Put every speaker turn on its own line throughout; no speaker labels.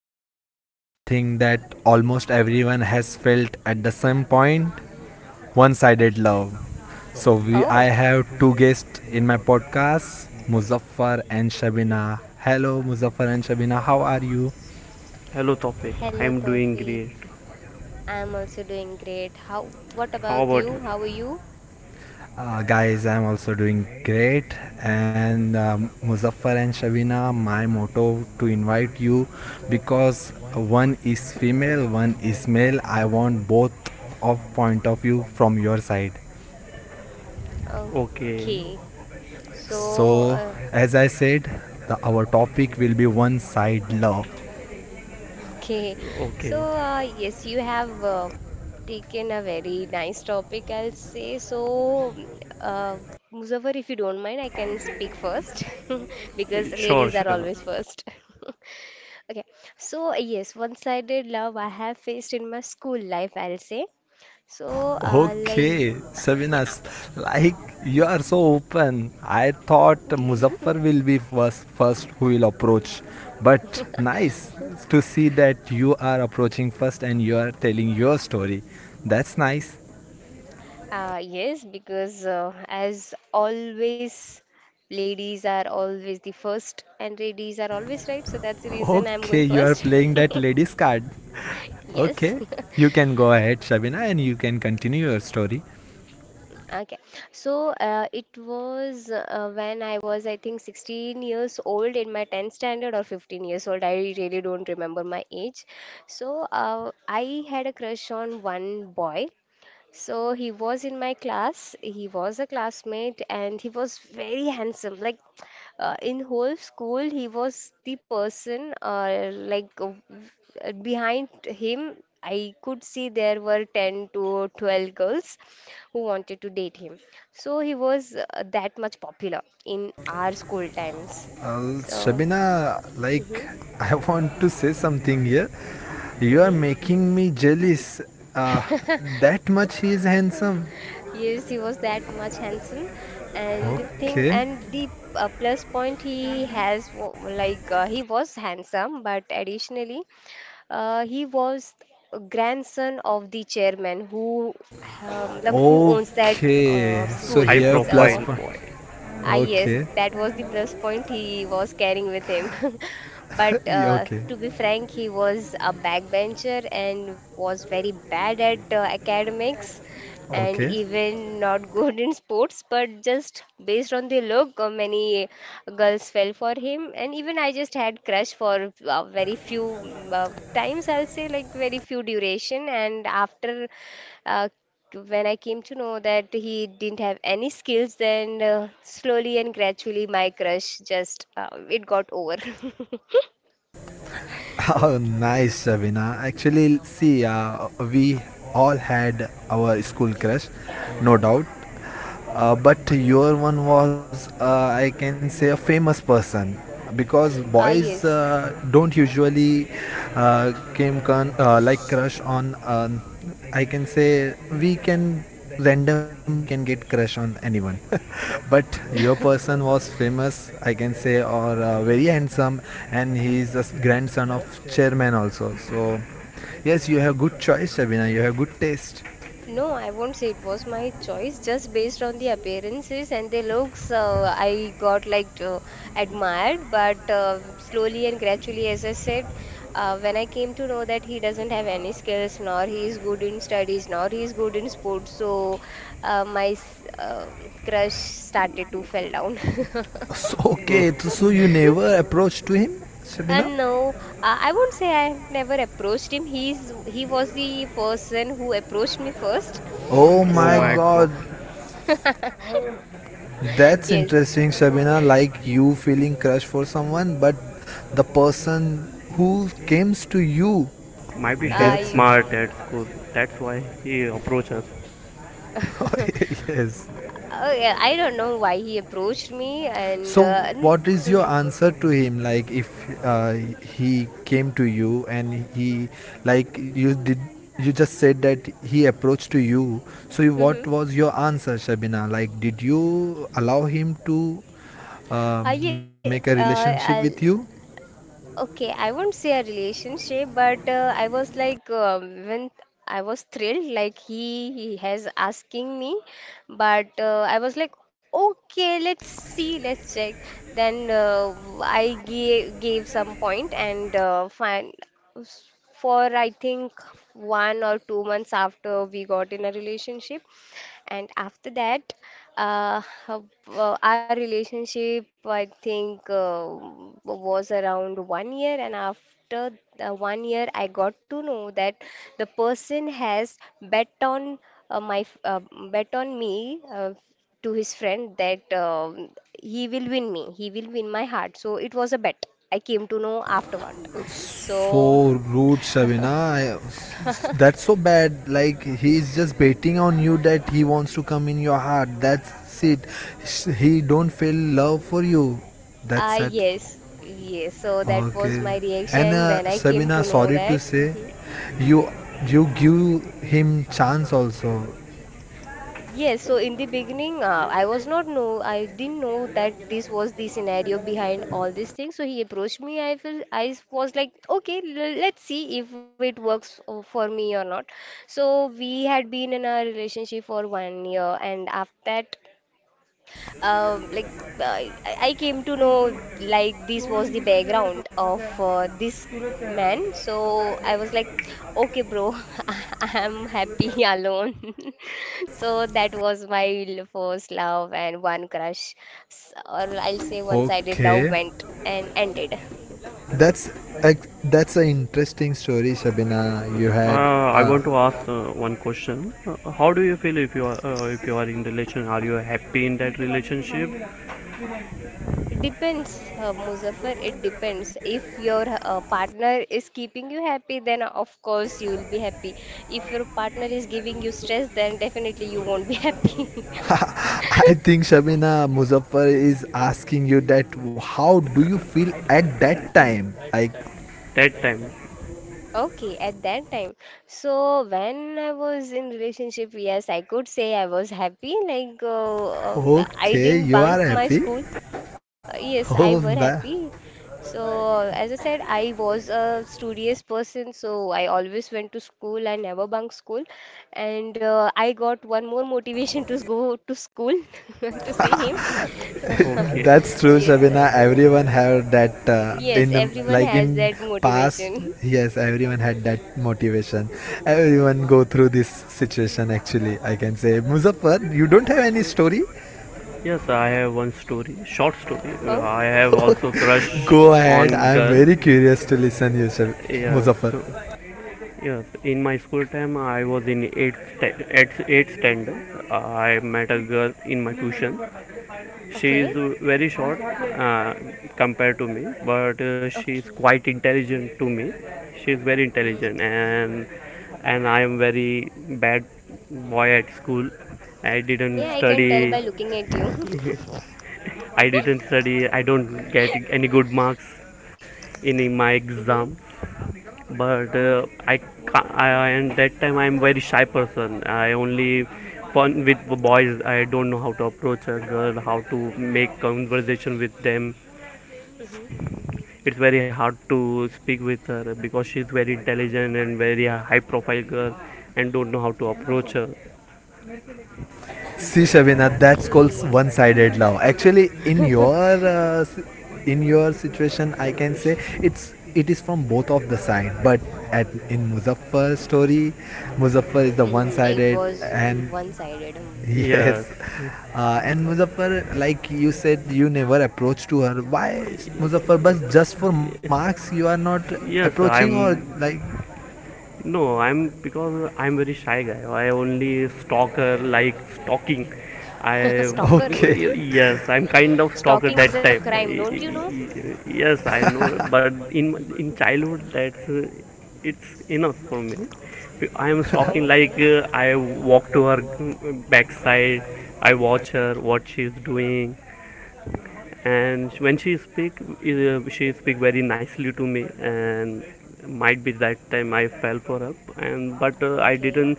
talking about something that almost everyone has felt at the same point: one sided
Okay.
love. So, I
Oh,
have two guests in my podcast, Muzaffar and Shabina. Hello, Muzaffar and Shabina. How are you?
Hello, topic.
hello,
I'm doing
Tawfiq.
great.
I'm also doing great. How? What
How
about
about
you?
you?
How are you?
Guys, I'm also doing great. And Muzaffar and Shavina, my motto to invite you because one is female, one is male. I want both of point of view from your side.
Okay,
Okay. So,
So,
uh,
as I said, our topic will be one side love.
okay.
okay.
Yes, you have taken a very nice topic, I'll say. Uh, Muzaffar, if you don't mind, I can speak first because
Sure,
ladies are
sure.
always first. Okay, so yes, one-sided love I have faced in my school life, I'll say. So, uh, like,
Okay,
yeah,
Sabinas, like you are so open. I thought Muzaffar will be first who will approach. But nice to see that you are approaching first and you are telling your story. That's nice.
yes, because as always, ladies are always the first, and ladies are always right, so that's the reason I'm going
Okay, you are
first.
playing that ladies card.
Yes.
Okay, you can go ahead, Shabina, and you can continue your story.
Okay. It was when I was, I think, 16 years old in my 10th standard or 15 years old. I really don't remember my age. I had a crush on one boy. So he was in my class. He was a classmate and he was very handsome. In whole school, he was the person behind him. I could see there were 10 to 12 girls who wanted to date him. So he was that much popular in our school times. So,
Shabina, like
mhm.
I want to say something here. You are making me jealous. Uh, that much he is handsome.
Yes, he was that much handsome, and the thing
Okay.
and the plus point he has he was handsome, but additionally, he was a grandson of the chairman who who owns that
Okay. So
High
school.
here plus
profile
So
point.
boy.
ah, yes,
Okay.
that was the plus point he was carrying with him. But
Yeah, okay.
to be frank, he was a backbencher and was very bad at academics and
Okay.
even not good in sports. But just based on the look, many girls fell for him. And even I just had crush for very few times, I'll say, like very few duration. And after uh, when I came to know that he didn't have any skills, then slowly and gradually my crush just it got over.
Oh, nice, Shabina. Actually, see, we all had our school crush, no doubt. But your one was, I can say, a famous person because
Ah,
boys
yes.
don't usually like crush on, I can say, we can, randomly we can get crush on anyone. But your person was famous, I can say, or very handsome, and he is a grandson of chairman also. So yes, you have good choice, Shabina. You have good taste.
No, I won't say it was my choice. Just based on the appearances and the looks, I got admired. But slowly and gradually, as I said, when I came to know that he doesn't have any skills, nor he is good in studies, nor he is good in sports, so my crush started to fell down.
So,
Oh,
okay, so you never approached to him, Shabina?
And no, I won't say I have never approached him. He was the person who approached me first.
Oh
oh
my
my
So
god.
god, that's
yes,
interesting, Shabina. Like you feeling crush for someone, but the person who comes to you,
Maybe she's
that's
I.
imp-
smart at school. That's why he approached her.
yes.
Oh yeah, I don't know why he approached me
So, what is your
Mhm,
answer to him? Like, if he came to you and he, like, you just said that he approached to you. So, what
mhm.
was your answer, Shabina? Like, did you allow him to
Uh, yeah,
make a
uh,
relationship
I'll,
with you?
Okay, I won't say a relationship, but I was like, when I was thrilled, like he has asking me, but I was like, okay, let's see, let's check. Then I gave some point and fine. For I think 1 or 2 months after we got in a relationship, and after that, uh, our relationship, I think, was around 1 year. And after the 1 year, I got to know that the person has uh, my f- uh, bet on me to his friend that he will win me. He will win my heart. So it was a bet. I came to know afterward.
So
So,
rude, Shabina. That's so bad. Like, he is just betting on you that he wants to come in your heart. That's it. He don't feel love for you. That's sad.
yes, yes. So that was
Okay.
my
And
reaction when
uh,
I came
Sabina,
to know
sorry to
that.
say,
Mm-hmm.
you you give him chance also.
Yes, so in the beginning, I didn't know that this was the scenario behind all these things. So he approached me. I feel I was like, okay, l- let's see if it works for me or not. So we had been in a relationship for 1 year, and after that, um, like I came to know like this was the background of this man. So I was like, okay, bro, I'm happy alone. So that was my l- first love and one crush, S- or I'll say one-sided love
Okay.
went and ended.
That's a, that's an interesting story, Shabina. You had.
I want to ask one question. How do you feel if you are in relation? Are you happy in that relationship?
Depends, Muzaffar. It depends. If your partner is keeping you happy, then of course you will be happy. If your partner is giving you stress, then definitely you won't be happy.
I think Shabina Muzaffar is asking you that how do you feel at that time? Like,
That time.
Okay, at that time. So when I was in relationship, yes, I could say I was happy. Uh, I
okay,
didn't
you
bunk
are
my
happy.
school. Yes, I
Oh,
were
that,
happy. So as I said, I was a studious person. So I always went to school. I never bunked school, and I got one more motivation to go to school to see him.
Okay.
That's true,
Yes,
Shabina. Everyone had that, in
yes, everyone
like
has
in
that
past.
motivation.
Yes, everyone had that motivation. Everyone go through this situation. Actually, I can say, Muzaffar, you don't have any story.
Yes, I have one story. Short story. I
Okay.
have also crush
Go
on
ahead. I am
girl.
very curious to listen you,
Yes.
Muzaffar.
Yes, in my school time, I was in eighth standard. I met a girl in my tuition. She is
Okay.
very short compared to me, but she is
Okay.
quite intelligent to me. She is very
Hmm.
intelligent, and I am very bad boy at school. I didn't
Yeah, I can tell
study.
by looking at you.
I didn't study. I don't get any good marks in my
Mm-hmm.
exam, but I, and that time I'm very shy person. I only fun with boys. I don't know how to approach a girl, how to make conversation with them.
Mm-hmm.
It's very hard to speak with her because she's very intelligent and very high profile girl, and don't know how to approach her.
See, Shabina, that's called
Okay.
one-sided love. Actually, uh, s- in your situation, I can say it's, it is from both of the side. But at in Muzaffar's story, Muzaffar is the
Hmm. It
one-sided,
was hmm,
and
one-sided. Hmm.
yes,
Yes
and Muzaffar, like you said, you never approach to her. Why, Muzaffar? But just for marks, you are not
yes
approaching, or
I'm
like
No, I'm because I'm very shy guy. I only stalker like stalking. I
Stalker.
okay,
Yes, I'm kind of stalker
Stalking is a
that time.
crime, don't you know?
Yes, I know, but in childhood that's it's enough for me. I am stalking like
Okay.
I walk to her backside. I watch her
Okay.
what she's doing, and when she speak very nicely to me, and might be that time I fell for her, and but I
Okay.
didn't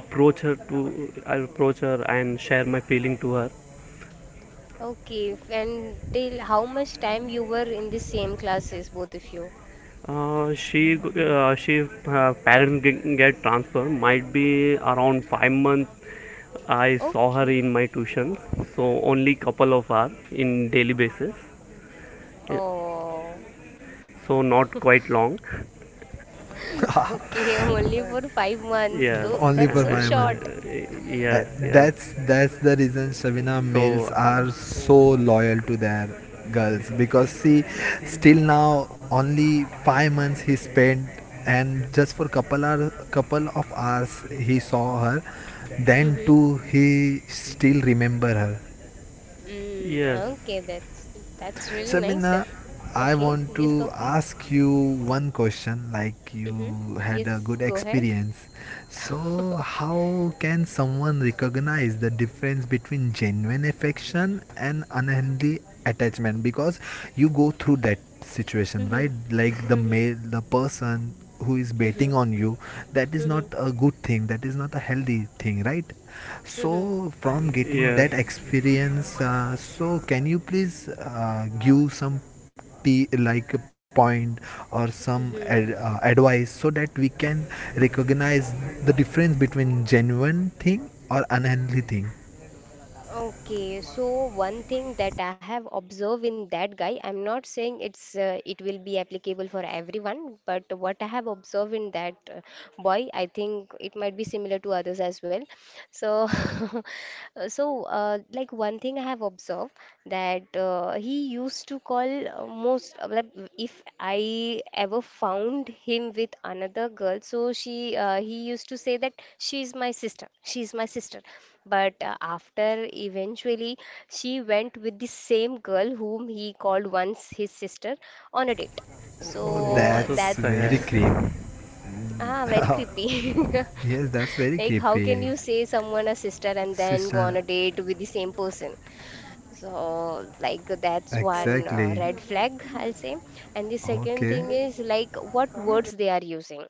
approach her to I approach her and share my feeling to her.
Okay. F- And till how much time you were in the same classes, both of you?
She parents get transfer, might be around 5 months I saw her
Okay.
in my tuition, so only couple of hours in daily basis. Yeah,
Oh.
so not quite long.
Okay. Only for 5 months,
yes
though.
only
That's
for
so
5 months.
short.
uh,
Uh,
yes yes
that's the reason, Shavina,
So,
males are so loyal to their girls because see
Hmm.
still now only 5 months he spent, and just for couple of hours he saw her, then
Mm-hmm.
too he still remember her.
Mm,
yes,
okay, that's really nice.
Sabina,
That's
I
okay.
want
Yes,
to
Toffee.
ask you one question, like
Mm-hmm.
you had a
Yes,
good
go ahead.
experience. So,
Okay.
how can someone recognize the difference between genuine affection and unhealthy attachment, because you go through that situation, right?
Mm-hmm.
Like
Mm-hmm.
the person who is betting
Mm-hmm.
on you, that is not
Mm-hmm.
a good thing, that is not a healthy thing, right? So from getting that
yes,
experience, so can you please give some, like, a point or some
Mm-hmm.
advice, so that we can recognize the difference between genuine thing or unhealthy thing.
Okay, so one thing that I have observed in that guy, I'm not saying it's it will be applicable for everyone, but what I have observed in that boy, I think it might be similar to others as well. So, one thing I have observed that he used to call if I ever found him with another girl, so she he used to say that she's my sister, she's my sister. But after eventually she went with the same girl whom he called once his sister on a date.
Oh,
oh,
So
so
that's
that's
very
sad.
creep.
ah, very creepy.
Yes, that's very
Like how can
creepy.
you say someone a sister and then go
Sister.
on a date with the same person? So like that's one
Exactly.
red flag, I'll say. And the second thing
Okay.
is like what words they are using.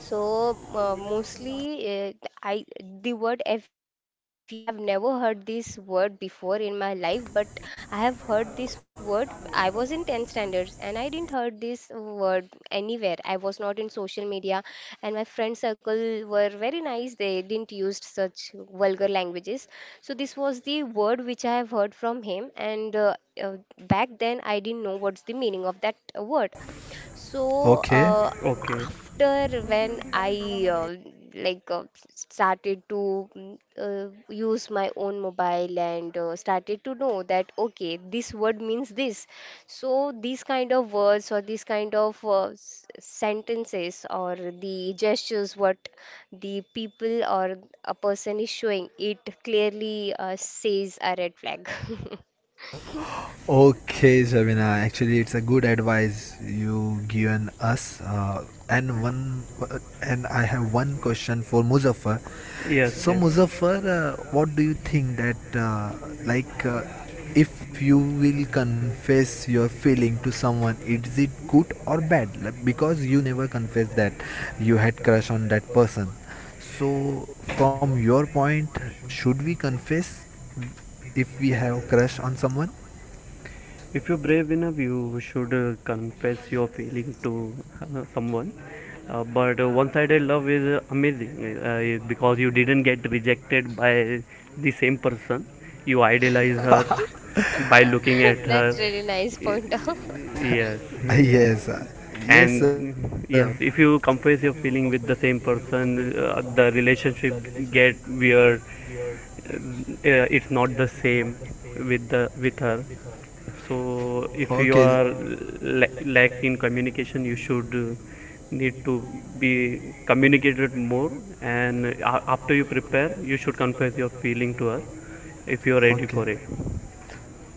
So mostly I the word FUCK. I have never heard this word before in my life, but I have heard this word. I was in 10 standards and I didn't heard this word anywhere. I was not in social media and my friend circle were very nice. They didn't used such vulgar languages. So this was the word which I have heard from him and uh, back then I didn't know what's the meaning of that word. So,
Okay.
Okay,
after when I like started to use my own mobile and started to know that okay, this word means this. So, these kind of words or these kind of sentences or the gestures what the people or a person is showing, it clearly says a red flag.
Okay, Shabina. Actually, it's a good advice you given us. And I have one question for Muzaffar.
yes, yes.
So, Muzaffar, what do you think that, like, if you will confess your feeling to someone, is it good or bad? Like, because you never confessed that you had crush on that person. So, from your point, should we confess if we have crush on someone?
If you're brave enough, you should confess your feeling to someone. But One-sided love is amazing, because you didn't get rejected by the same person. You idealize her by looking at her.
That's really nice
Y-
pointer.
Yes.
Yes,
and,
yes,
yes, if you confess your feeling with the same person, the relationship get weird. It's not the same with her. So if okay, you
okay,
are lack in communication, you should need to be communicated more, and after you prepare, you should confess your feeling to her if you are ready
okay.
for it.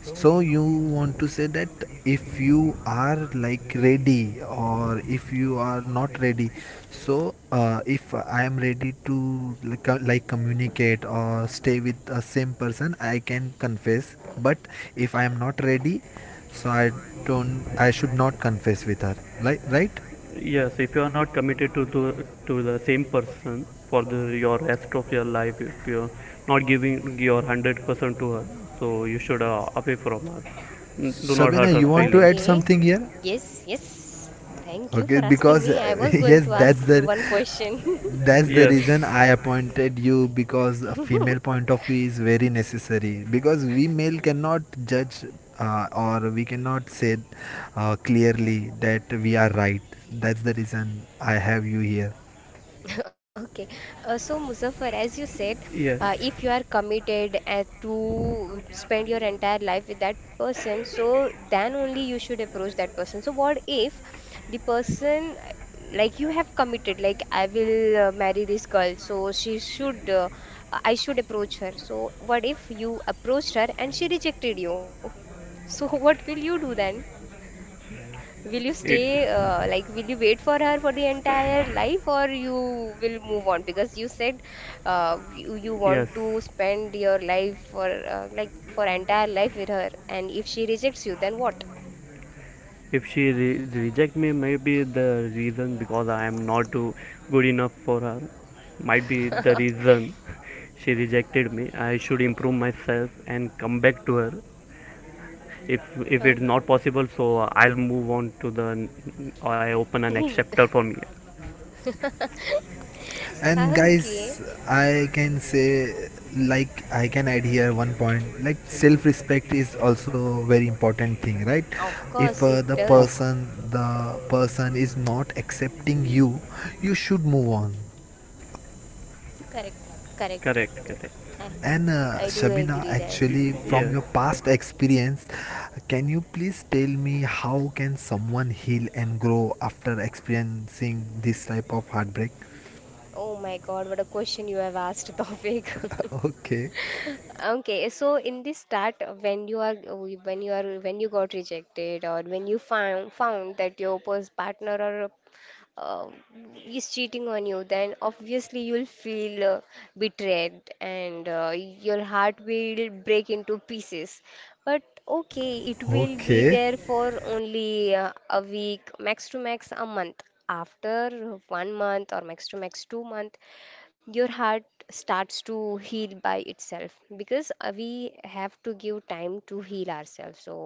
So you want to say that if you are like ready or if you are not ready, so if I am ready to, like, like communicate or stay with a same person, I can confess. But if I am not ready, so I should not confess with her. Like, right?
Yes, if you are not committed to to the same person for the your rest of your life, if you're not giving your 100% to her, so you should away from her. Do not
Sabina,
hurt her
you want to
feelings.
add
Okay.
something here?
Yes, yes. Thank you
Okay,
for asking
because
me. I was going
yes,
to ask
that's
s-
the
one question.
That's the
Yes,
reason I appointed you, because a female point of view is very necessary, because we male cannot judge, or we cannot say, clearly that we are right. That's the reason I have you here.
Okay. So, Muzaffar, as you said,
yes,
if you are committed to spend your entire life with that person, so then only you should approach that person. So, what if the person, you have committed, like I will marry this girl, so she should, I should approach her. So, what if you approached her and she rejected you? So, what will you do then? Will you
it
stay, will you wait for her for the entire life or you will move on? Because you said you
yes.
want to spend your life for, for entire life with her. And if she rejects you, then what?
If she reject me, maybe the reason because I am not too good enough for her, might be the reason she rejected me. I should improve myself and come back to her. if if
Okay.
it's not possible, so I'll move on to the I open a next chapter for me.
And
Okay.
guys, I can say, like, I can add here one point, like self-respect is also very important thing, right?
Of
If
course, it
uh,
Of
does.
the person is not accepting you, you should move on.
Correct. Correct.
Correct, correct,
I,
And
I do
Shabina,
agree that.
actually,
Hmm.
from
yes.
your past experience, can you please tell me how can someone heal and grow after experiencing this type of heartbreak?
Oh my God, what a question you have asked, Tawfiq.
Okay,
Okay, so in the start, when you are when you got rejected or when you found that your partner or uh, is cheating on you, then obviously you'll feel betrayed and your heart will break into pieces. But okay, it will be
okay,
there for only a week, max to max a month. After 1 month or max to max 2 month, your heart starts to heal by itself because we have to give time to heal ourselves, so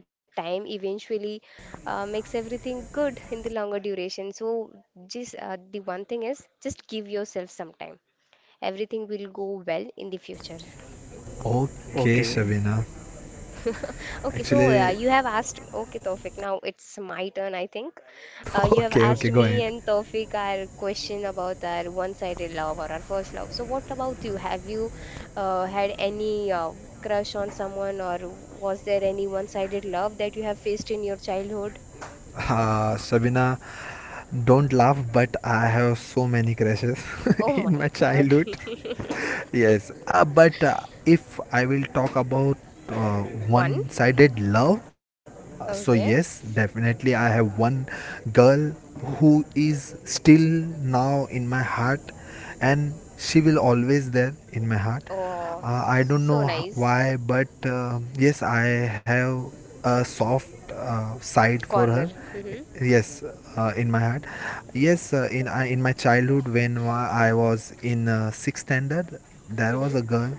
time eventually makes everything good in the longer duration, so just the one thing is just give yourself some time, everything will go well in the future.
okay,
Okay,
Shabina.
Okay, so
Actually,
you have asked. Okay, Tawfiq, now it's my turn, I think. You have
okay, okay,
asked
go
me
ahead.
and Tawfiq our question about our one-sided love or our first love. So, what about you? Have you had any crush on someone, or was there any one-sided love that you have faced in your childhood?
Shabina, don't laugh, but I have so many crashes
Oh
in
my
my
God.
childhood. Yes, but if I will talk about uh,
One.
one sided love, so
Okay.
yes, definitely I have one girl who is still now in my heart, and she will always there in my heart.
Oh,
I don't
so
know
nice.
why, but yes, I have a soft side for her,
Corner. Mm-hmm.
yes, in my heart. Yes, in my childhood, when I was in sixth standard, there was
Mm-hmm.
a girl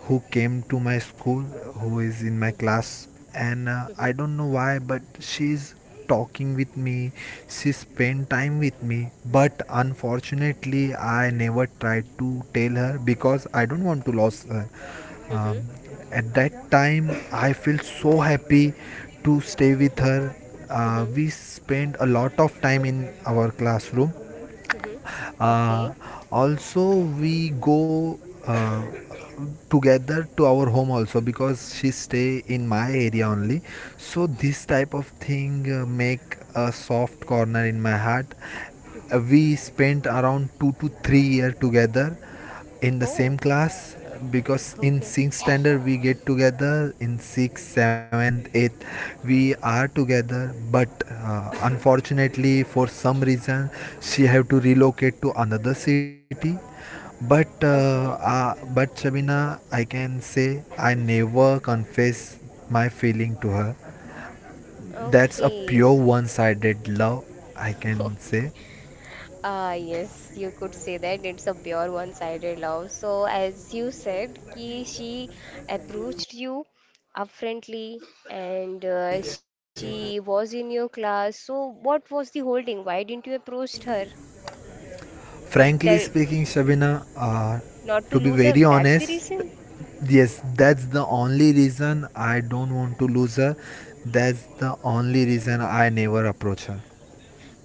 who came to my school, who is in my class, and I
Mm-hmm.
don't know why, but she's talking with me, she spent time with me, but unfortunately I never tried to tell her because I don't want to lose her.
Mm-hmm.
um, at that time I felt so happy to stay with her.
Mm-hmm.
We spent a lot of time in our classroom.
Mm-hmm. Okay.
uh, Also we go uh, together to our home also, because she stay in my area only. So this type of thing make a soft corner in my heart. We spent around 2 to 3 year together in the same
Oh.
class, because in
Okay,
sixth standard we get together. In sixth, seventh, eighth we are together. But unfortunately for some reason she have to relocate to another city. but
okay,
uh, uh, but Shabina, I can say, I never confess my feeling to her. That's a
okay.
pure one sided love, I can say.
Ah, yes, you could say that it's a pure one-sided love. So, as you said, ki she approached you upfrontly and she was in your class. So, what was the holding? Why didn't you approach her? So,
Frankly
there,
speaking, Shabina,
not to
to be
lose her,
very
that's the
honest,
reason?
yes, that's the only reason I don't want to lose her. That's the only reason I never approach her.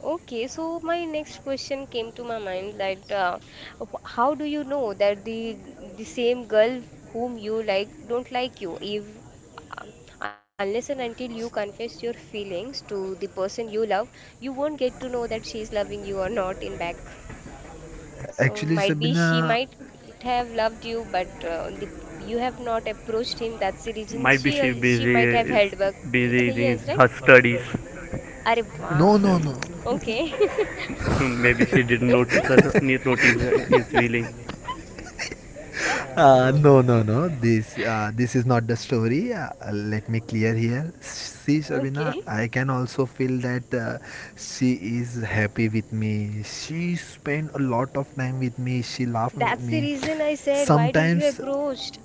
Okay, so my next question came to my mind, like how do you know that the same girl whom you like don't like you, if uh, unless and until you confess your feelings to the person you love, you won't get to know that she is loving you or not in back. So
Actually,
might be she
Shabina,
might have loved you, but you have not approached him. That's the reason
might be
she
she
she
busy
might have
is
held back. Y
busy in
Yes, right?
her studies.
अरे
no,
बाप
no,
रे.
no.
Okay.
maybe she didn't notice her need notice his feeling.
No, no, no. This is not the story. Let me clear here. See, Shabina,
Okay.
I can also feel that she is happy with me. She spent a lot of time with me. She laughed with
That's the
me.
reason I said, why didn't you
Sometimes
approached?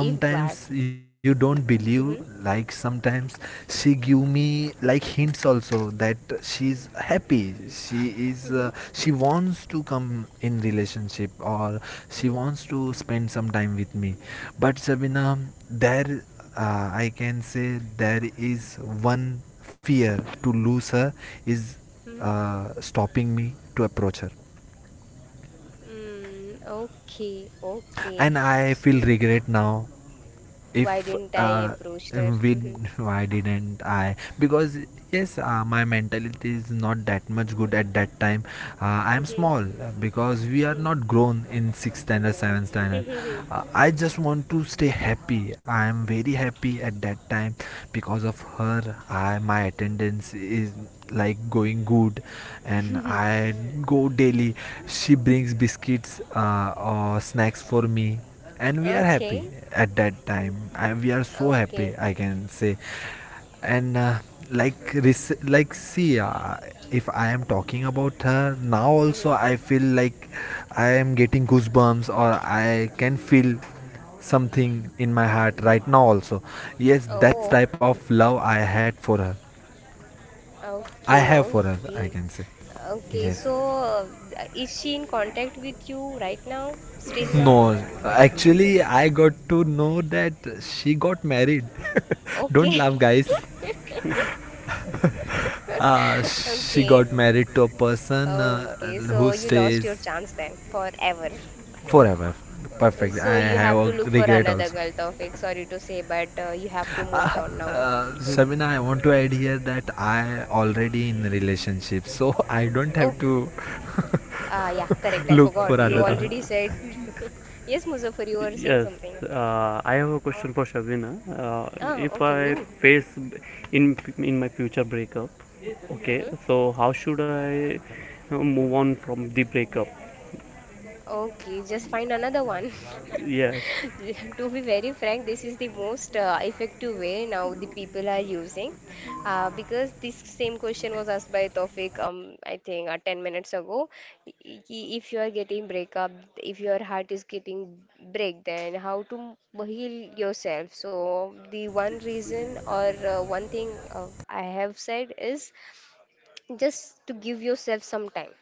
If why?
you don't believe,
Hmm.
like sometimes she give me like hints also that she's happy,
Hmm.
she wants to come in relationship, or she
Hmm.
wants to spend some time with me. But Sabina, there, I can say, there is one fear to lose her, is,
Hmm.
stopping me to approach her.
Okay, okay.
And I feel
So
regret now.
why
If,
didn't I approach her?
we
Mhm,
why didn't I, because yes, my mentality is not that much good at that time. I am
mhm,
small, because we are not grown in sixth standard, seventh standard.
mhm.
I just want to stay happy. I am very happy at that time because of her. I My attendance is like going good, and I go daily. She brings biscuits, or snacks for me, and we are happy
Okay,
at that time. We are so happy,
okay.
I can say. And like, like, see, if I am talking about her now, also
Hmm.
I feel like I am getting goosebumps, or I can feel something in my heart right now also. Yes, that's
Oh,
type of love I had for her, I
okay,
have for her, I
okay,
can say.
okay.
Yes.
So is she in contact with you right now? Still now?
No, actually, I got to know that she got married. Don't
Okay,
laugh, guys. She got
okay.
married to a person,
Okay,
who
so you lost your
stays
chance then forever.
forever. Perfect. I
So you
have
have to
a
look for
regret
another
also.
girl, Tawfiq. Sorry to say, but you have to move
Uh,
on now.
Mhm.
Sabina, I want to add here that I already in relationship, so I don't have
Oh,
to
ah, yeah, correct. I
look for
forgot. You
another.
already
Uh,
said. Yes, Muzaffar. You were saying
yes,
something.
I have a question for Shabina.
Ah,
If
okay,
I
me.
face in in my future breakup, okay,
Mm-hmm.
so how should I move on from the breakup?
Okay, just find another one.
Yes.
To be very frank, this is the most effective way now the people are using, because this same question was asked by Tofik, I think 10 minutes ago. I- i- If you are getting breakup, if your heart is getting break, then how to heal yourself? So the one reason or one thing I have said is just to give yourself some time,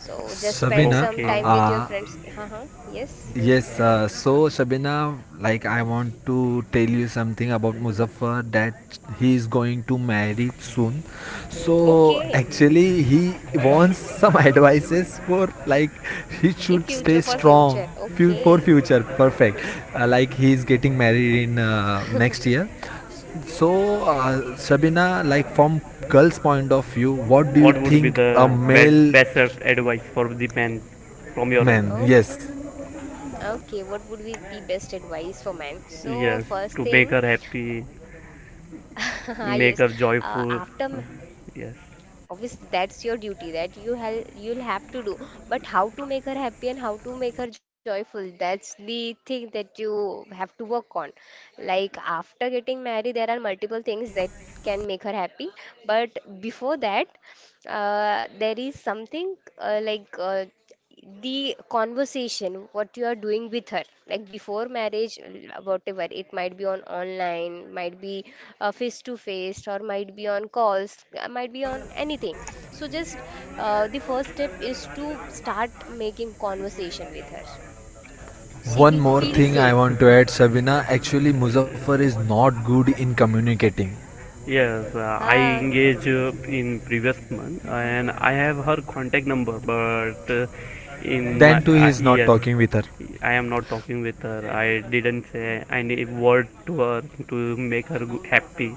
so just spend
Sabina,
some
Okay.
uh,
time with your
uh,
friends. Haha, yes.
Yes, so Shabina, like I want to tell you something about Muzaffar, that he is going to marry soon. So
Okay.
actually, he wants some advices for like he
In
should stay
future, for
strong
future.
fu- for
Okay.
future. Perfect. Like he is getting married in next year. So Shabina, like from girl's point of view, what do you
What would be
think a
the
male
best advice for the man from your end?
man?
Oh,
Yes.
okay. What would be the best advice for man? So,
Yes,
first
to make
thing,
her happy,
ah, yes.
make her
Uh,
joyful.
after ma-
Yes.
Obviously that's your duty that you'll have to do, but how to make her happy and how to make her joyful, that's the thing that you have to work on. Like, after getting married there are multiple things that can make her happy, but before that, there is something, the conversation what you are doing with her, like before marriage, whatever it might be, on online, might be face to face, or might be on calls, might be on anything. So just, the first step is to start making conversation with her. She
One
will
more
feel
thing I
safe.
want to add, Sabina. Actually, Muzaffar is not good in communicating.
Yes, I
Ah,
engage in previous month, and I have her contact number, but in my
Then too, he
I
is not
yes,
talking with her.
I am not talking with her. I didn't say any word to her to make her happy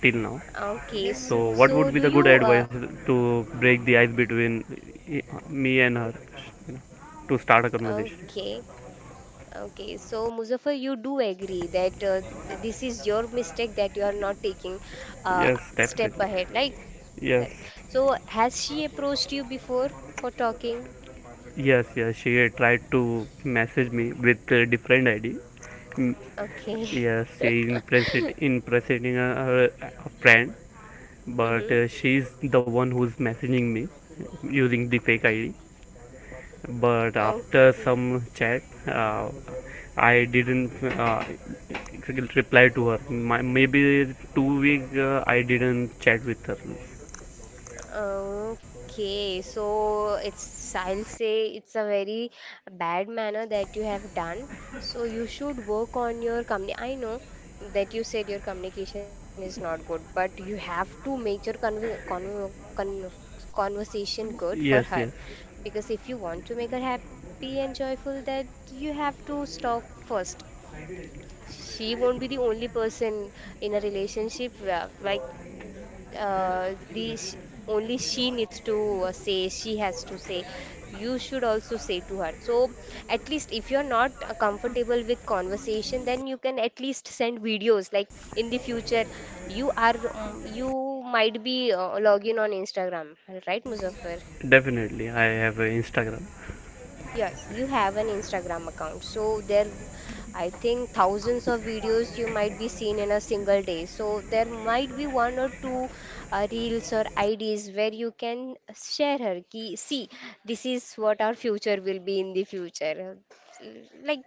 till now.
okay.
So, what
So do
would be the
you,
good advice to break the ice between me and her, you know, to start a conversation?
okay. Okay, so Muzaffar, you do agree that this is your mistake, that you are not taking uh,
Yes,
step
definitely.
ahead, right?
Yes,
Correct. So has she approached you before for talking?
yes. She tried to message me with a different ID. Mm,
Okay.
yes, she impressed impressing a friend, but
Hmm.
she's the one who's messaging me using the fake ID. But after
Okay.
some chat, I didn't uh, reply to her. Maybe 2 weeks I didn't chat with her.
Okay, so it's, I'll say, it's a very bad manner that you have done. So you should work on your company. I know that you said your communication is not good, but you have to make your con conversation good for
yes
her.
yes
Because if you want to make her happy and joyful, that you have to talk first. She won't be the only person in a relationship where, like uh, the sh- only she needs to say she has to say; you should also say to her. So at least, if you're not comfortable with conversation, then you can at least send videos, like in the future. You might be login on Instagram, right, Muzaffar?
Definitely, I have a Instagram.
Yes, you have an Instagram account. So there, I think, thousands of videos you might be seen in a single day. So there might be one or two reels or IDs where you can share her. Ki, see, this is what our future will be in the future. Like,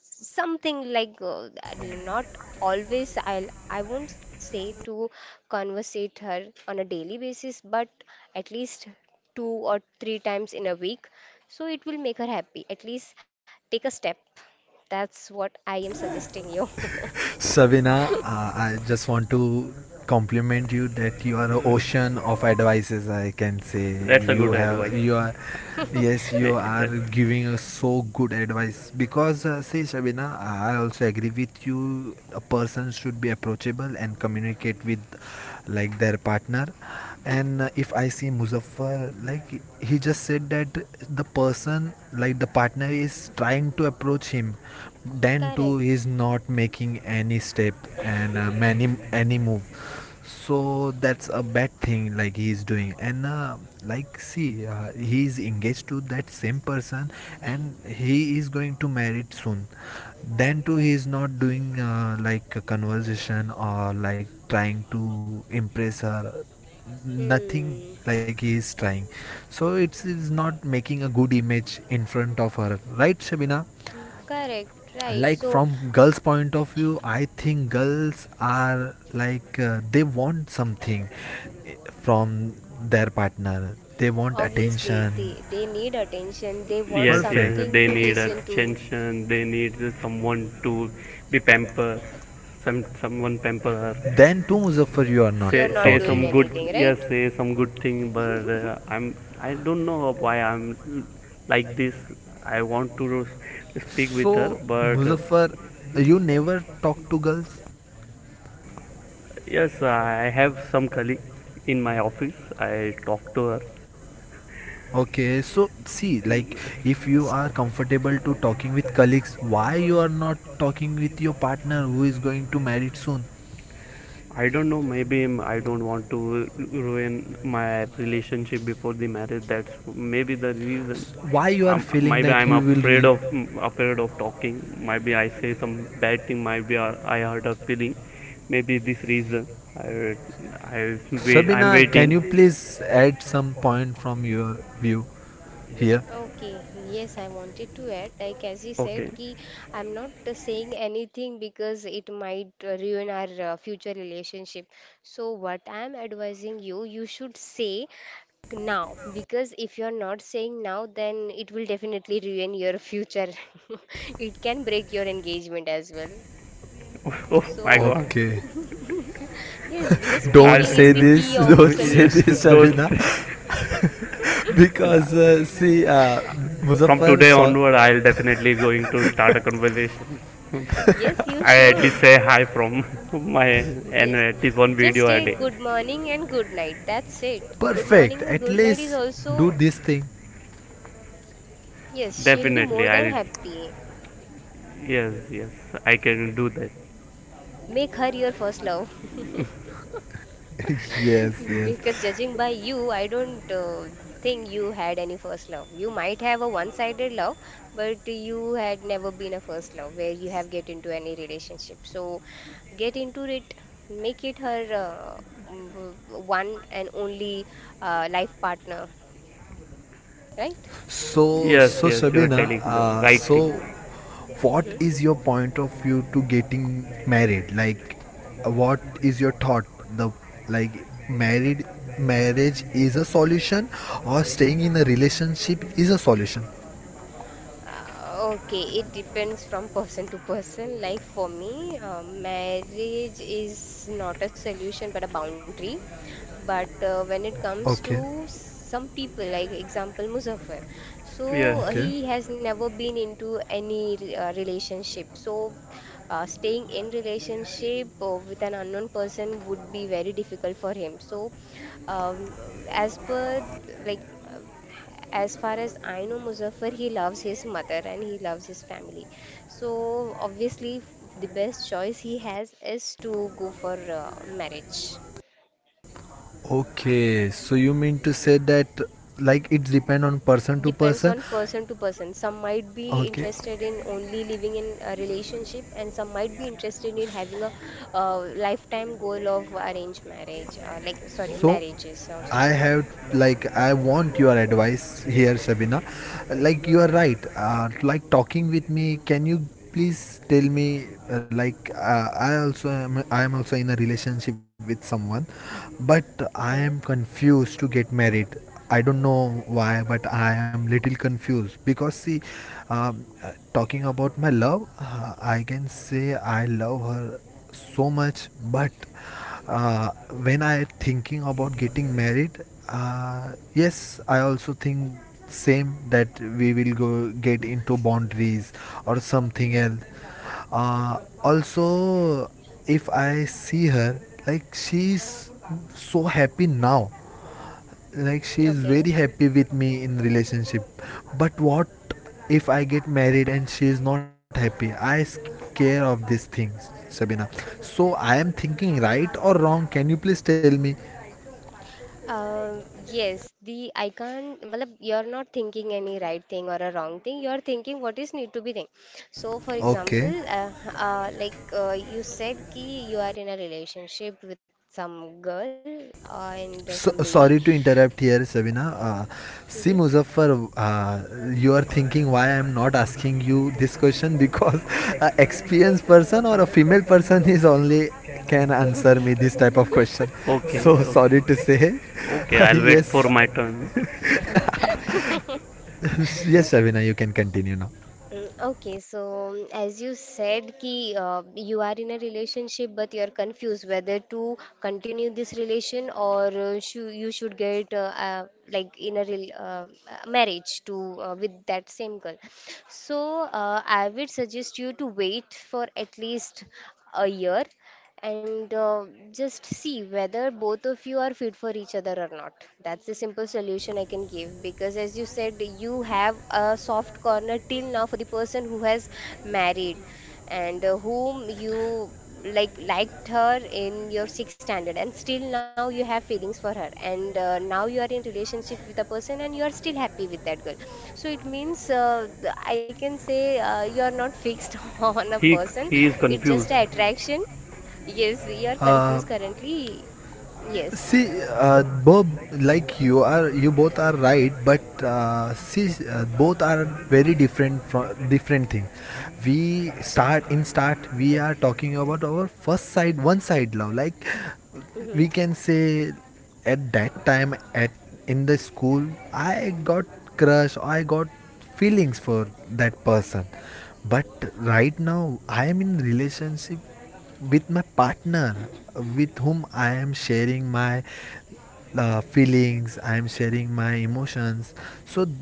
something like not always. I won't say to conversate her on a daily basis, but at least two or three times in a week, so it will make her happy. At least take a step. That's what I am suggesting you.
Savina, I just want to compliment you that you are a ocean of advices. I can say
That's a
you
good
have
advice.
you are yes, you
Uh,
are
yes
giving us so good advice because see, Shabina, I also agree with you, a person should be approachable and communicate with like their partner. And if I see Muzaffar, like he just said that the person, like the partner, is trying to approach him, then too
Correct.
he is not making any step and many any move. So that's a bad thing like he is doing. And like see, he is engaged to that same person and he is going to marry soon, then too he is not doing like a conversation or like trying to impress her, nothing
Hmm.
like he is trying. So it is not making a good image in front of her, right, Shabina?
Correct. Right.
Like
So
from girls point of view, I think girls are like they want something, eh, from their partner, they want
obviously
attention.
they need attention. They
Yeah,
want
yes,
perfect.
something
they
to
need
listen to.
attention. They need someone to be pamper, someone pamper her.
Then too, Muzaffar, you are not
You're
Say
not
say
talking.
some
doing
good
anything,
Yes,
right?
say some good thing, but I'm, I don't know why I'm like this. I want to speak
So
with her, but
Muzaffar, you never talk to girls?
yes, I have some colleague in my office. I talk to her.
Okay, so see, like if you are comfortable to talking with colleagues, why you are not talking with your partner who is going to marry soon?
I don't know. Maybe I don't want to ruin my relationship before the marriage. That's maybe the reason.
Why you are feeling
Maybe
that
I'm
you will
afraid
really?
of afraid of talking. Maybe I say some bad thing. Maybe I hurt her feeling. Maybe this reason. I I Wait. I'm
Sabina, can
waiting.
you please add some point from your view here?
Okay, yes, I wanted to add, like as you
Okay.
said, ki I'm not saying anything because it might ruin our future relationship. So what I'm advising you, you should say now, because if you're not saying now, then it will definitely ruin your future. It can break your engagement as well.
Oh my
So
God.
Okay.
yes, because
I,
Don't
speaking is
say
the
this.
key of
Don't say
yeah,
this,
solution.
those
Sabina, because see,
from
Muzaffar
today
saw.
onward, I'll definitely going to start a conversation.
Yes, you
I at least
should.
say hi from my, and
Yes,
at least one
just
video a
say
day.
good morning and good night. That's it. Good
Perfect.
morning and
At
good night is
least do
also,
this thing.
yes, she'll be
Definitely
more than
I'll
happy.
Yes, yes, I can do that.
Make her your first love.
Yes, yes.
Because judging by you, I don't think you had any first love. You might have a one-sided love, but you had never been a first love where you have get into any relationship. So get into it, make it her, one and only life partner, right?
So,
Yes,
so
yes, you're
Shabina,
telling the
uh,
right thing.
so what
Hmm.
is your point of view to getting married? Like, what is your thought? The like married marriage is a solution, or staying in a relationship is a solution?
Okay, it depends from person to person. Like for me, marriage is not a solution but a boundary. But when it comes
Okay,
to some people, like example Muzaffar,
yes
so
okay,
he has never been into any relationship. So staying in relationship with an unknown person would be very difficult for him. So as per like, as far as I know, Muzaffar, he loves his mother and he loves his family. So obviously, the best choice he has is to go for marriage.
okay. So you mean to say that like it depend on person to
Depends
person?
on person to person. Some might be
Okay,
interested in only living in a relationship, and some might be interested in having a uh, lifetime goal of arranged marriage, like, sorry,
so
marriages or
I
so.
have like I want your advice here, Shabina. Like you are right. Like talking with me, can you please tell me? Like I also am. I am also in a relationship with someone, but
Okay,
I am confused to get married. I don't know why, but I am little confused because see, talking about my love, I can say I love her so much, but uh, when I thinking about getting married, yes I also think same that we will go get into boundaries or something else. Also if I see her, like she's so happy now, like she is
okay.
very happy with me in relationship. But what if I get married and she is not happy? I scare of these things, Sabina. So I am thinking right or wrong, can you please tell me?
Uh, yes, the I can't. Matlab, you're not thinking any right thing or a wrong thing. You're thinking what is need to be thing. So, for example,
Okay.
you said, ki you are in a relationship with some girl and some
So,
lady.
sorry to interrupt here, Sabina.
Mhm.
See, Muzaffar, you are thinking why I am not asking you this question, because a experienced person or a female person is only can answer me this type of question.
okay,
So sorry
okay.
to say,
Okay, I'll wait for
yes,
my turn.
yes, Sabina, you can continue now.
Okay, so as you said, ki you are in a relationship but you are confused whether to continue this relation or you should get like in a rel marriage to, with that same girl. So I would suggest you to wait for at least a year, and just see whether both of you are fit for each other or not. That's the simple solution I can give because, as you said, you have a soft corner till now for the person who has married, and whom you liked her in your sixth standard, and still now you have feelings for her, and now you are in relationship with a person and you are still happy with that girl, so it means, I can say, you are not fixed on a
he
person.
he is
It's just
confused.
an attraction. Yes, we are
Uh,
confused currently. Yes.
See, Bob, like you are, you both are right, but see, both are very different from different thing. We start in start, We are talking about our first side, one side love. Like we
Mm-hmm.
can say, at in the school, I got crush, I got feelings for that person. But right now I am in relationship with my partner, with whom I am sharing my feelings, I am sharing my emotions. So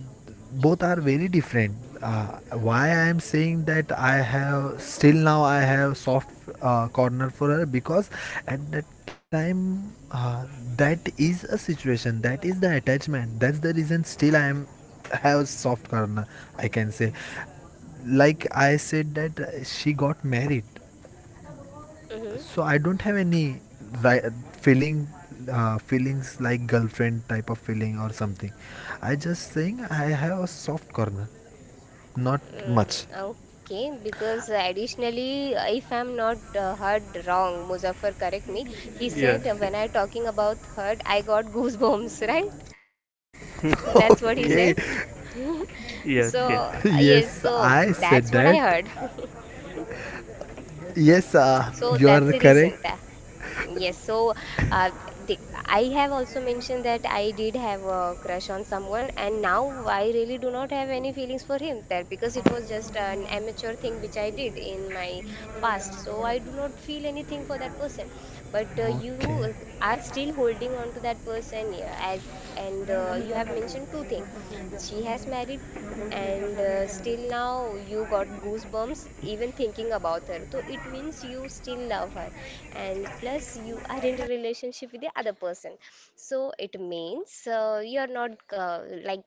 both are very different. Why I am saying that I have still now I have soft corner for her? Because at that time, that is a situation, that is the attachment, that's the reason still I am have soft corner, I can say. Like I said that she got married,
Mm-hmm.
so I don't have any ri- feeling, feelings like girlfriend type of feeling or something. I just saying I have a soft corner, not
Mm,
much.
okay, because additionally, if I'm not heard wrong, Muzaffar, correct me. He said
Yes,
when
yes.
I talking about heard, I got goosebumps, right? That's what he said.
Okay.
So
yes, yes,
yes, so
Yes,
that's
I
what I
said
heard.
that. Yes,
So that's
you
the
are
reason.
correct.
Yes, so uh, the, I have also mentioned that I did have a crush on someone, and now I really do not have any feelings for him, that because it was just an amateur thing which I did in my past. So I do not feel anything for that person. But you
Okay,
are still holding on to that person, yeah, as, and you have mentioned two things. She has married, and still now you got goosebumps even thinking about her, so it means you still love her, and plus you are in a relationship with the other person, so it means you're not, uh, like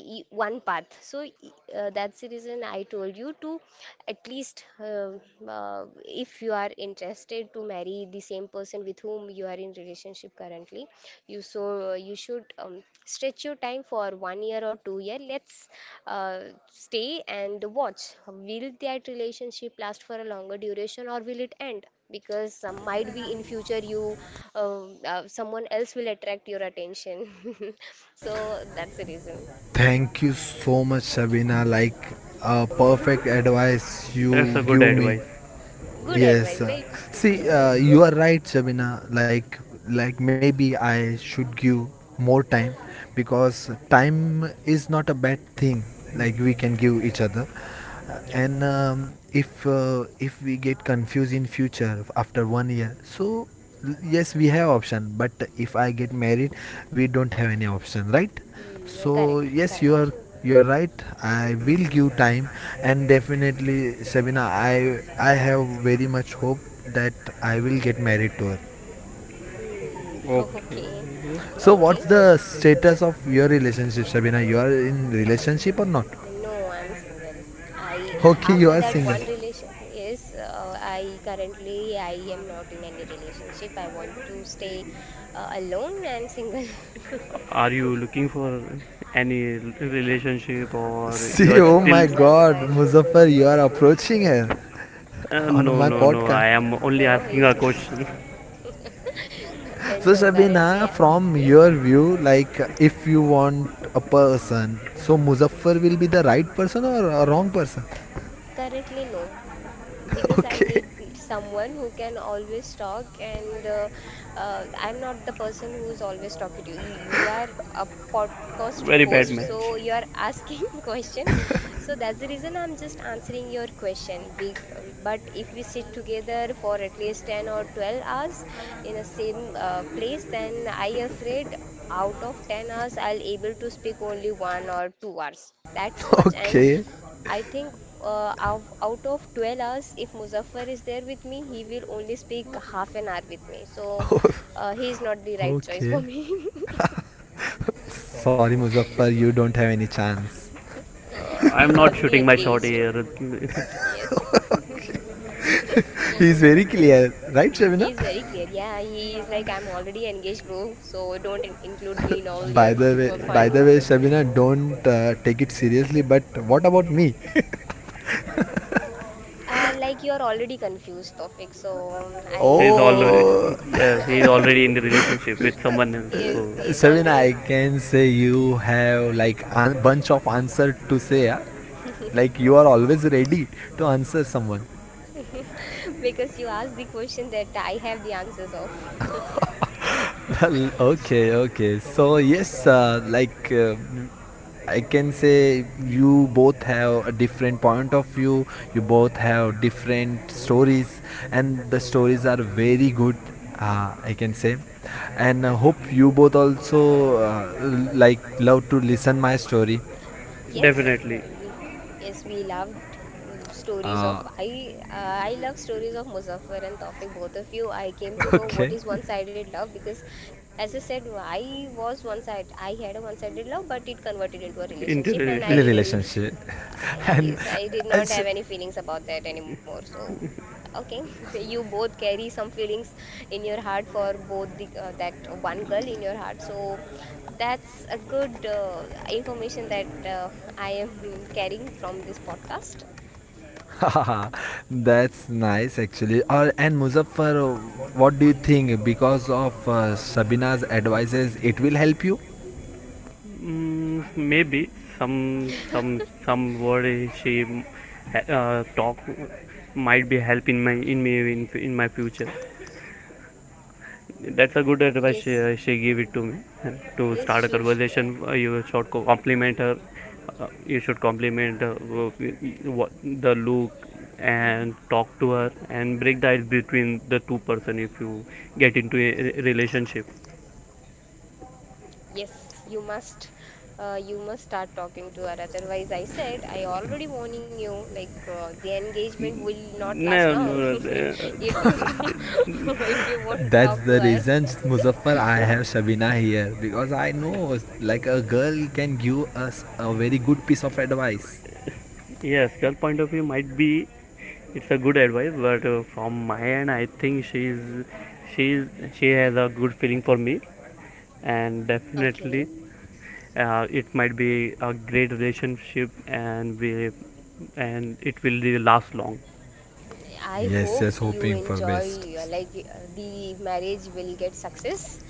y- one path, so that's the reason I told you to at least, if you are interested to marry be the same person with whom you are in relationship currently, you, so you should, stretch your time for 1 year or 2 year, let's uh, stay and watch, will that relationship last for a longer duration or will it end, because might be in future you, uh, someone else will attract your attention. So that's the reason.
thank you so much, Sabina. Like a perfect advice
that's
you
a good
give me.
advice.
Good
Yes.
advice, right?
See,
Yes,
you are right, Shabina. Like maybe I should give more time because time is not a bad thing. Like we can give each other. Uh,
yes.
and um, if uh, if we get confused in future after 1 year, so yes, we have option. But if I get married, we don't have any option, right?
Hmm,
So
correct.
yes,
Correct.
you are right. I will give time, and definitely, Sabina, I have very much hope that I will get married to her.
Hmm. Okay.
Okay.
So
Okay.
what's the status of your relationship, Sabina? You are in relationship or not?
No, I'm single. I
Okay, you
After
are
that
single.
one relation, yes, I currently I am not in any relationship. I want to stay, alone and single.
Are you looking for any relationship, or you
See,
are
oh
No,
still?
my God,
Muzaffar.
Muzaffar, you are approaching her on
No,
my
no, no.
No,
I
podcast.
am only
no,
asking
he's
a
not.
question.
So,
No,
Shabina,
currently,
from your
yes.
view, like if you want a person, so Muzaffar will be the right person or a wrong person?
Currently, no, because I
Okay,
need someone who can always talk, and I'm not the person who's always talking to you. You are a podcast
Very bad
host, so
match.
you are asking question. So that's the reason I'm just answering your question. Big, but if we sit together for at least 10 or 12 hours in a same place, then I afraid, out of 10 hours, I'll able to speak only 1 or 2 hours, that's much. And
okay,
I think, out of 12 hours, if Muzaffar is there with me, he will only speak half an hour with me. So he is not the right choice for
okay.
me.
Sorry, Muzaffar, you don't have any chance.
He
I'm
is
not
already
shooting my shot
engaged.
here.
Yes.
Okay. He's very clear, right, Shabina?
He is very clear. Yeah, he is like, I'm already engaged, bro. So don't include me in all your
By
fun.
the way, Shabina, don't take it seriously. But what about me?
Like, you're already confused, Tofik. So I
he's
think,
already
Oh,
Yes, he's
I am.
already in the relationship with someone else. So
Yes, he's
Shabina, I
already.
can say you have like a bunch of answer to say. Huh? Like you are always ready to answer someone.
Because you asked the question that I have the answers of.
Well, okay, okay. So yes, like I can say you both have a different point of view. You both have different stories, and the stories are very good. I can say, and I hope you both also like love to listen my story.
Yes,
definitely
we loved stories of
Uh,
I love stories of Muzaffar and Tawfiq, both of you. I came to know what
okay,
is one-sided love because, as I said, I had a one-sided love but it converted into a relationship,
into
and I
relationship.
really
Relationship, and
yes, I did not
it's
have any feelings about that anymore. So, okay, you both carry some feelings in your heart for both the that one girl in your heart. So, that's a good information that uh, I am carrying from this podcast.
That's nice actually. Or and Muzaffar, what do you think? Because of Shabina's advices, it will help you.
Mm, maybe some word she talk might be helping my in me in my future. That's a good advice
Yes,
she gave it to me to start a
yes, Shush,
conversation.
yeah.
You should compliment her. You should compliment what the look and talk to her and break the ice between the two-person if you get into a relationship.
Yes, you must. You must start talking to her. Otherwise, I said, I already warning you. Like, the engagement will not last
No, no,
long
no.
if you if you won't
That's
talk to
the
her.
reason, Muzaffar, I have Shabina here, because I know like a girl can give us a very good piece of advice.
Yes, girl point of view might be it's a good advice, but from my end, I think she's she has a good feeling for me, and definitely,
Okay,
it might be a great relationship, and we and it will really last long.
I
Yes,
hope
yes,
you
hoping for best.
enjoy, the marriage will get success,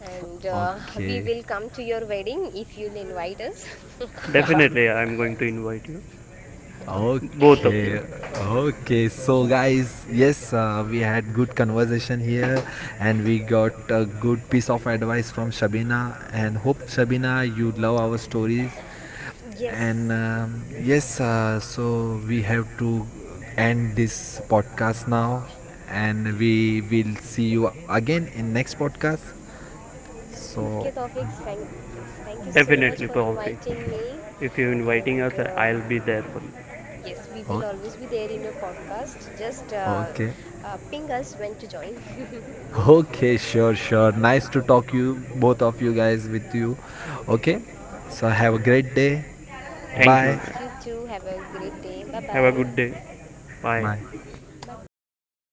and we
Okay.
will come to your wedding if you'll invite us.
Definitely, I'm going to invite you, both of
Okay.
Okay,
you.
okay. So, guys, yes, we had good conversation here, and we got a good piece of advice from Shabina. And hope Shabina, you love our stories. And
Yes.
yes, so we have to end this podcast now, and we will see you again in next podcast.
Okay,
So,
Tawfiq, thank, yes, thank you so much for
Definitely, Paulfi.
inviting me.
If you're inviting
And
us, I'll be there for you.
yes, we will
okay,
always be there in your podcast. Just
okay.
ping us when to join.
Okay, sure, sure. Nice to talk you both of you guys with you. Okay. So have a great
Okay.
day.
Thank you.
Bye.
Yes, you too. Have a great day. Bye
Have a
bye.
good day.
Bye.
Bye.
Bye bye.